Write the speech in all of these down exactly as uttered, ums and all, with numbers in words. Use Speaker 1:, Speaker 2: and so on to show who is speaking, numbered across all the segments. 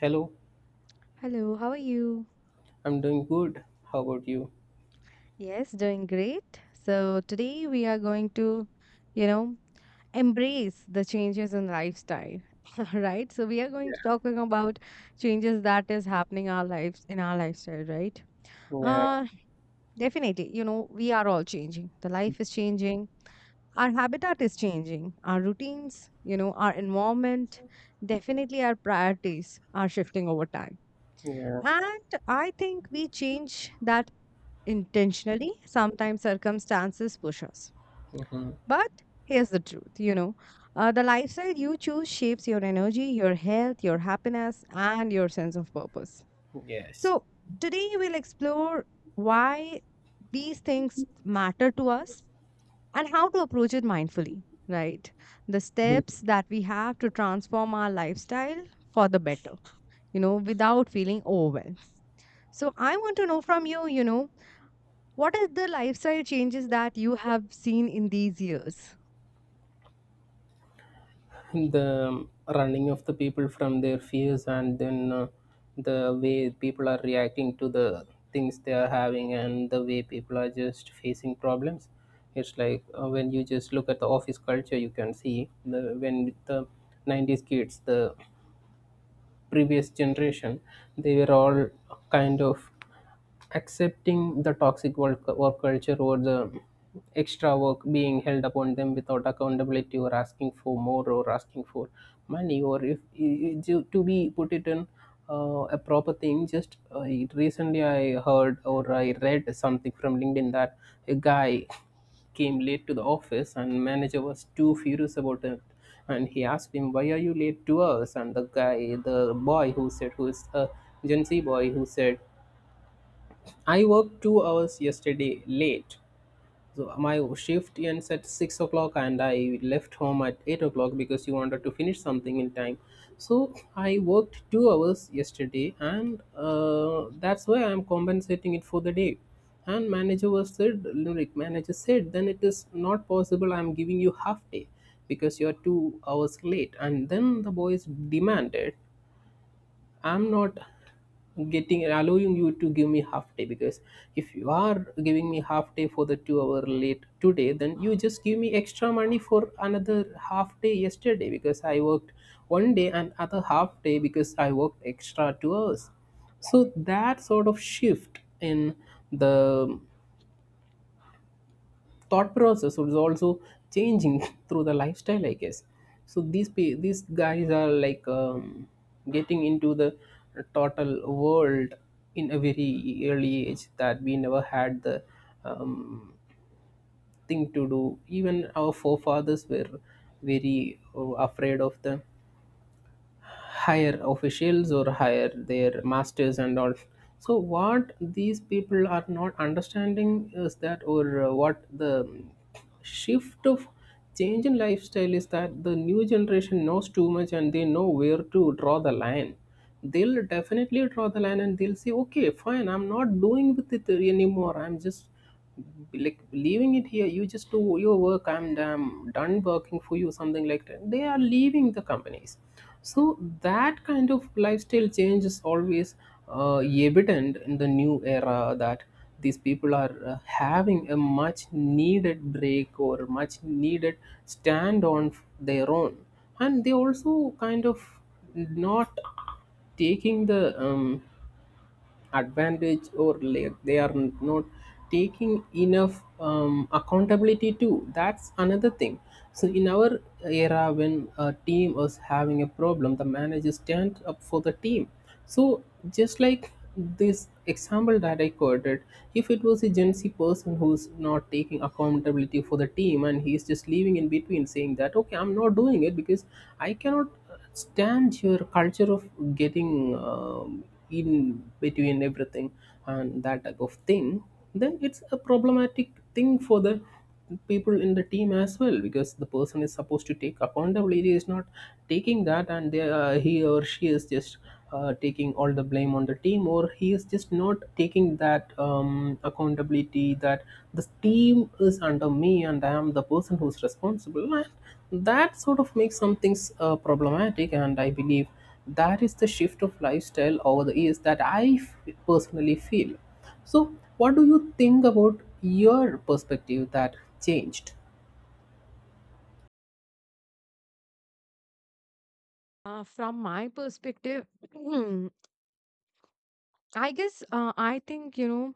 Speaker 1: Hello,
Speaker 2: Hello, how are you?
Speaker 1: I'm doing good. How about you?
Speaker 2: Yes, doing great. So today we are going to, you know, embrace the changes in lifestyle, right? So we are going to talking about changes that is happening our lives in our lifestyle, right?
Speaker 1: Yeah,
Speaker 2: Uh, Definitely. You know, we are all changing. The life is changing. Our habitat is changing. Our routines, you know, our environment, definitely our priorities are shifting over time.
Speaker 1: yeah,
Speaker 2: And I think we change that intentionally, sometimes circumstances push us.
Speaker 1: hmm,
Speaker 2: But here's the truth, you know, uh, the lifestyle you choose shapes your energy, your health, your happiness, and your sense of purpose.
Speaker 1: yes.
Speaker 2: So, today we'll explore why these things matter to us and how to approach it mindfully, right? The
Speaker 1: Mhm.
Speaker 2: steps that we have to transform our lifestyle for the better, you know, without feeling overwhelmed. So, I want to know from you, you know, what are the lifestyle changes that you have seen in these years?
Speaker 1: The running of the people from their fears and then uh, the way people are reacting to the things they are having and the way people are just facing problems. It's like uh, when you just look at the office culture, you can see the when the nineties kids, the previous generation, they were all kind of accepting the toxic work, work culture or the extra work being held upon them without accountability or asking for more or asking for money. Or if to be put it in uh, a proper thing, just uh, recently I heard or I read something from LinkedIn that a guy came late to the office and manager was too furious about it, and he asked him, why are you late to us? And the guy the boy who said, who is a gen z boy who said, I worked two hours yesterday late, so my shift ends at six o'clock, and I left home at eight o'clock because you wanted to finish something in time. So I worked two hours yesterday, and uh, that's why I'm compensating it for the day. And manager was said, like manager said, then it is not possible. I'm giving you half day because you're two hours late. And then the boys demanded, I'm not getting allowing you to give me half day, because if you are giving me half day for the two hour late today, then you just give me extra money for another half day yesterday, because I worked one day and other half day because I worked extra two hours. So that sort of shift in the thought process is also changing through the lifestyle, I guess. So these pe- these guys are like, um, getting into the total world in a very early age that we never had the um, thing to do. Even our forefathers were very uh, afraid of the higher officials or hire their masters and all. So what these people are not understanding is that, or uh, what the shift of change in lifestyle is, that the new generation knows too much and they know where to draw the line. They'll definitely draw the line and they'll say, okay, fine, I'm not doing with it anymore, I'm just like leaving it here, you just do your work, I'm damn done working for you, something like that. They are leaving the companies. So that kind of lifestyle change is always uh, evident in the new era, that these people are uh, having a much needed break or much needed stand on their own. And they also kind of not taking the um, advantage, or like they are not taking enough um, accountability too, that's another thing. So in our era, when a team was having a problem, the manager stand up for the team. So just like this example that I quoted, if it was a gen z person who's not taking accountability for the team and he's just leaving in between saying that okay, I'm not doing it because I cannot stands your culture of getting um in between everything and that type of thing, then it's a problematic thing for the people in the team as well, because the person is supposed to take accountability is not taking that. And they, uh, he or she is just uh, taking all the blame on the team, or he is just not taking that um, accountability, that the team is under me and I am the person who's responsible. And that sort of makes some things uh, problematic, and I believe that is the shift of lifestyle over the years that I f- personally feel. So what do you think about your perspective that changed?
Speaker 2: Uh, from my perspective, I guess uh, I think, you know,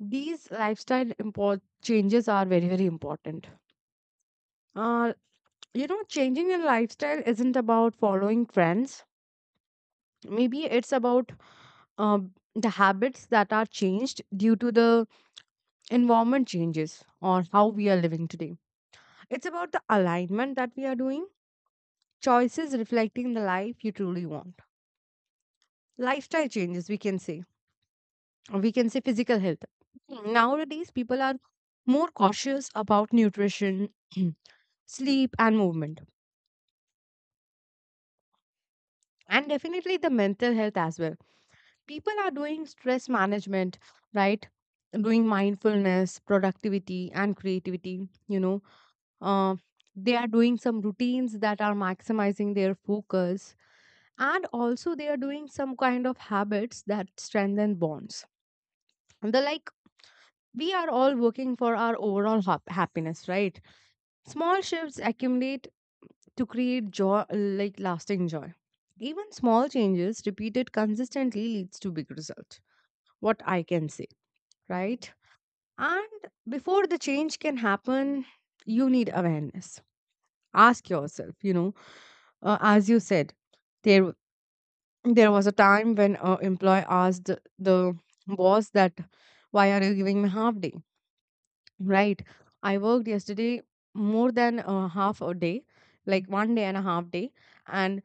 Speaker 2: these lifestyle import changes are very very important. Uh, you know, changing your lifestyle isn't about following trends. Maybe it's about uh, the habits that are changed due to the environment changes or how we are living today. It's about the alignment that we are doing, choices reflecting the life you truly want. Lifestyle changes, we can say, or we can say physical health. Nowadays people are more cautious about nutrition, sleep and movement, and definitely the mental health as well. People are doing stress management, right? Doing mindfulness, productivity and creativity, you know. uh, they are doing some routines that are maximizing their focus, and also they are doing some kind of habits that strengthen bonds, the like. We are all working for our overall hap- happiness, right? Small shifts accumulate to create joy, like lasting joy. Even small changes repeated consistently leads to big result. What I can say, right? And before the change can happen, you need awareness. Ask yourself, you know, uh, as you said, there there was a time when an employee asked the boss that why are you giving me half day. Right. I worked yesterday more than uh, half a day, like one day and a half day, and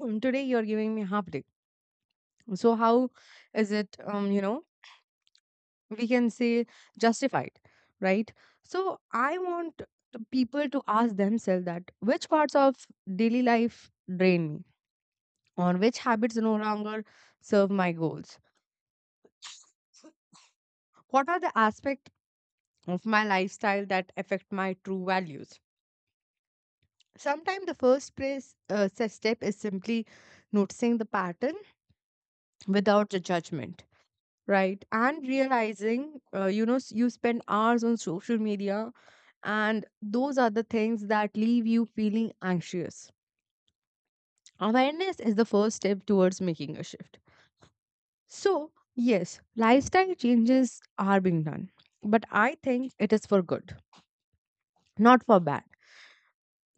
Speaker 2: um, today you're giving me half day. So how is it? Um, you know, we can say justified, right? So I want the people to ask themselves that which parts of daily life drain me, or which habits no longer serve my goals. What are the aspects of my lifestyle that affect my true values? Sometimes the first place, uh, se- step is simply noticing the pattern without the judgment, right? And realizing, uh, you know, s- you spend hours on social media, and those are the things that leave you feeling anxious. Awareness is the first step towards making a shift. So, yes, lifestyle changes are being done, but I think it is for good, not for bad.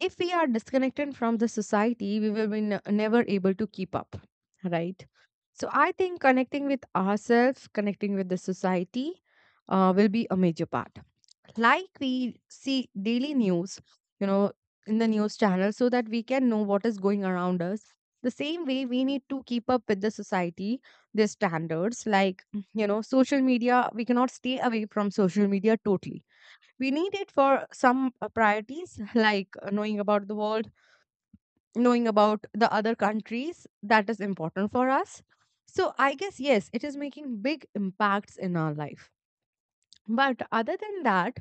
Speaker 2: If we are disconnected from the society, we will be ne- never able to keep up, right? So I think connecting with ourselves, connecting with the society, uh, will be a major part. Like we see daily news, you know, in the news channel, so that we can know what is going around us. The same way we need to keep up with the society, their standards. Like, you know, social media, we cannot stay away from social media totally. We need it for some uh, priorities, like uh, knowing about the world, knowing about the other countries that is important for us. So I guess yes, it is making big impacts in our life. But other than that,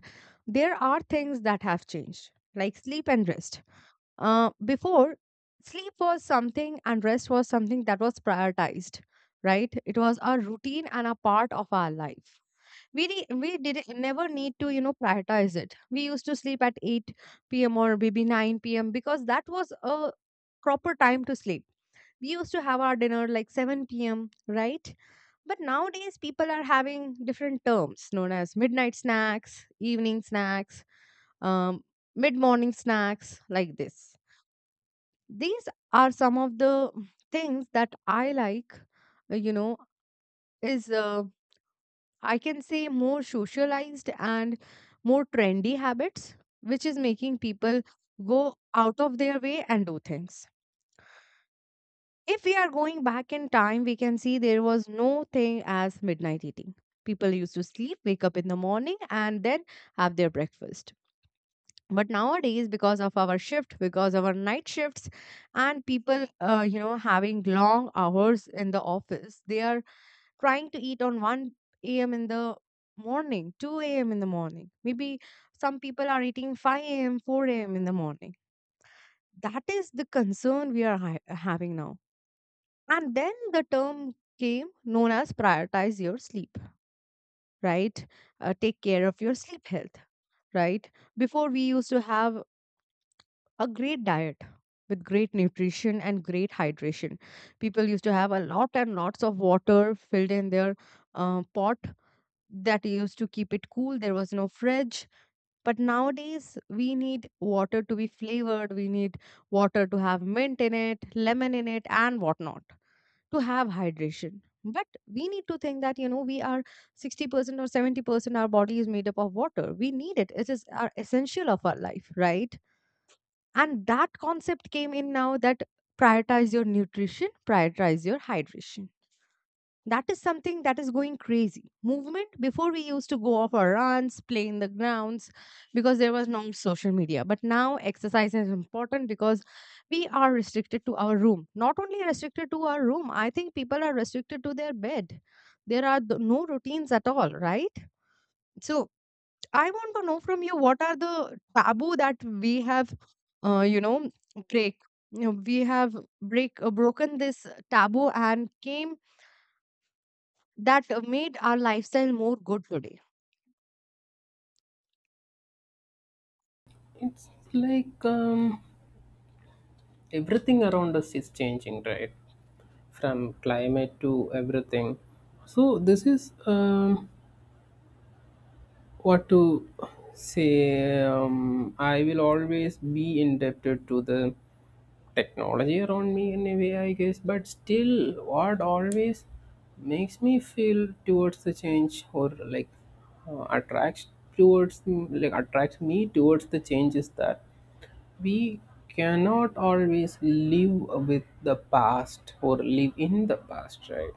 Speaker 2: there are things that have changed, like sleep and rest. Uh, before, sleep was something and rest was something that was prioritized, right? It was our routine and a part of our life. We re- we did never need to, you know, prioritize it. We used to sleep at eight p.m. or maybe nine p.m. because that was a proper time to sleep. We used to have our dinner like seven p.m., right? But nowadays people are having different terms known as midnight snacks, evening snacks, um, mid morning snacks, like this. These are some of the things that I like, uh, you know, is, uh, I can say, more socialized and more trendy habits, which is making people go out of their way and do things. If we are going back in time, we can see there was no thing as midnight eating. People used to sleep, wake up in the morning, and then have their breakfast. But nowadays, because of our shift, because of our night shifts, and people, uh, you know, having long hours in the office, they are trying to eat on one a m in the morning, two a m in the morning. Maybe some people are eating five a m, four a m in the morning. That is the concern we are hi- having now. And then the term came known as prioritize your sleep, right? Uh, take care of your sleep health, right? Before, we used to have a great diet with great nutrition and great hydration. People used to have a lot and lots of water filled in their uh, pot that used to keep it cool. There was no fridge. But nowadays, we need water to be flavored. We need water to have mint in it, lemon in it, and whatnot to have hydration. But we need to think that, you know, we are sixty percent or seventy percent, our body is made up of water. We need it. It is our essential of our life, right? And that concept came in now that prioritize your nutrition, prioritize your hydration. That is something that is going crazy. Movement, before we used to go off our runs, play in the grounds, because there was no social media. But now exercise is important because we are restricted to our room. Not only restricted to our room, I think people are restricted to their bed. There are th- no routines at all, right? So I want to know from you, what are the taboo that we have, uh, you know, break. You know, we have break uh, broken this taboo and came that uh, made our lifestyle more good today.
Speaker 1: It's like, um, everything around us is changing, right? From climate to everything. So this is, um, what to say um, I will always be indebted to the technology around me in a way, I guess, but still, what always makes me feel towards the change, or like uh, attracts towards like attracts me towards the change is that we cannot always live with the past or live in the past, right?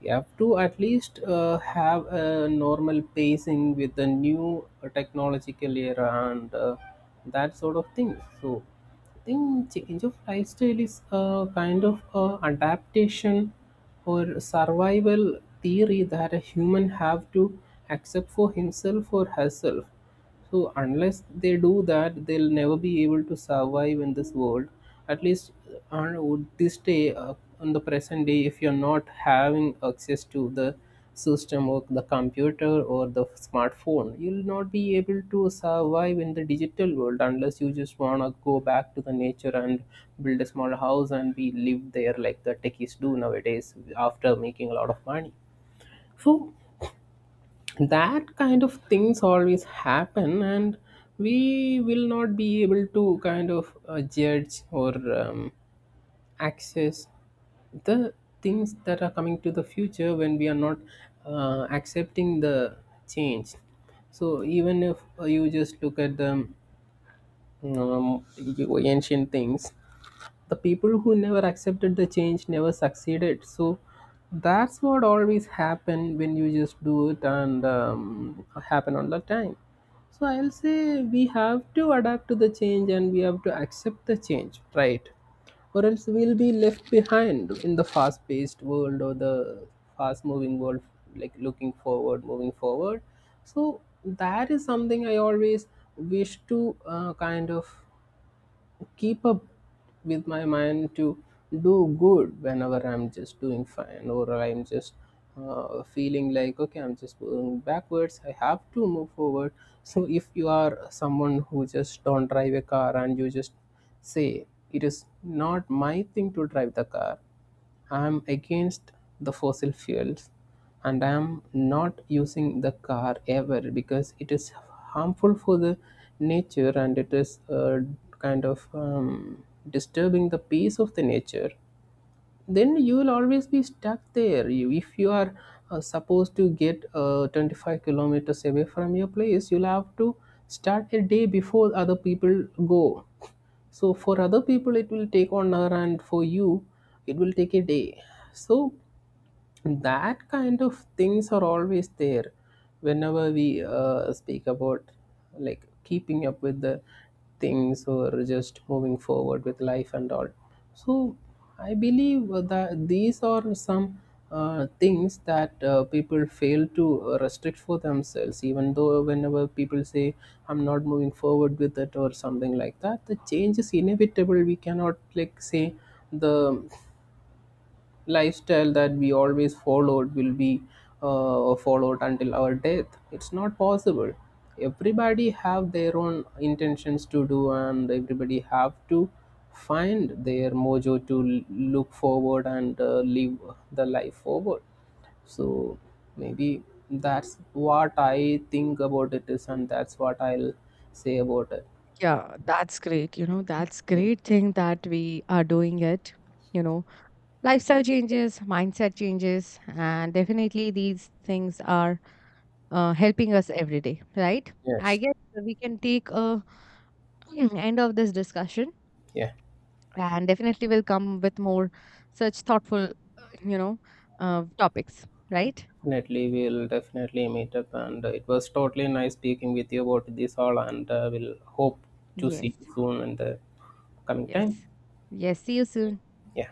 Speaker 1: You have to at least uh, have a normal pacing with the new uh, technological era and uh, that sort of thing. So I think change of lifestyle is a kind of a adaptation or survival theory that a human have to accept for himself or herself. So unless they do that, they'll never be able to survive in this world. At least uh, on this day uh, on the present day, if you're not having access to the system or the computer or the smartphone, you'll not be able to survive in the digital world, unless you just want to go back to the nature and build a small house and be live there like the techies do nowadays after making a lot of money. So that kind of things always happen, and we will not be able to kind of uh, judge or um, access the things that are coming to the future when we are not uh, accepting the change. So even if uh, you just look at the um, ancient things, the people who never accepted the change never succeeded. So that's what always happen when you just do it, and um, happen all the time. So I'll say we have to adapt to the change and we have to accept the change, right? Or else we'll be left behind in the fast paced world or the fast moving world, like looking forward, moving forward. So that is something I always wish to uh, kind of keep up with my mind, to do good whenever I'm just doing fine, or I'm just uh, feeling like okay, I'm just going backwards. I have to move forward. So if you are someone who just don't drive a car, and you just say, it is not my thing to drive the car, I am against the fossil fuels and I am not using the car ever because it is harmful for the nature, and it is uh, kind of um, disturbing the peace of the nature, then you will always be stuck there. You, if you are uh, supposed to get uh, twenty-five kilometers away from your place, you'll have to start a day before other people go. So for other people it will take one hour, and for you it will take a day. So that kind of things are always there whenever we uh, speak about like keeping up with the things, or just moving forward with life and all. So I believe that these are some uh, things that uh, people fail to restrict for themselves, even though whenever people say I'm not moving forward with it or something like that, the change is inevitable. We cannot like say the lifestyle that we always followed will be uh, followed until our death. It's not possible. Everybody have their own intentions to do, and everybody have to find their mojo to l- look forward and uh, live the life forward. So maybe that's what I think about it is, and that's what I'll say about it.
Speaker 2: Yeah, that's great. You know, that's great thing that we are doing it. You know, lifestyle changes, mindset changes, and definitely these things are uh, helping us every day, right? I
Speaker 1: Yes.
Speaker 2: guess we can take a end of this discussion,
Speaker 1: Yeah.
Speaker 2: and definitely will come with more such thoughtful, uh, you know, uh, topics, right?
Speaker 1: Definitely, we'll definitely meet up, and uh, it was totally nice speaking with you about this all, and uh, we'll hope to see
Speaker 2: Yes,
Speaker 1: you soon in the coming
Speaker 2: yes,
Speaker 1: time.
Speaker 2: yes. See you soon.
Speaker 1: Yeah.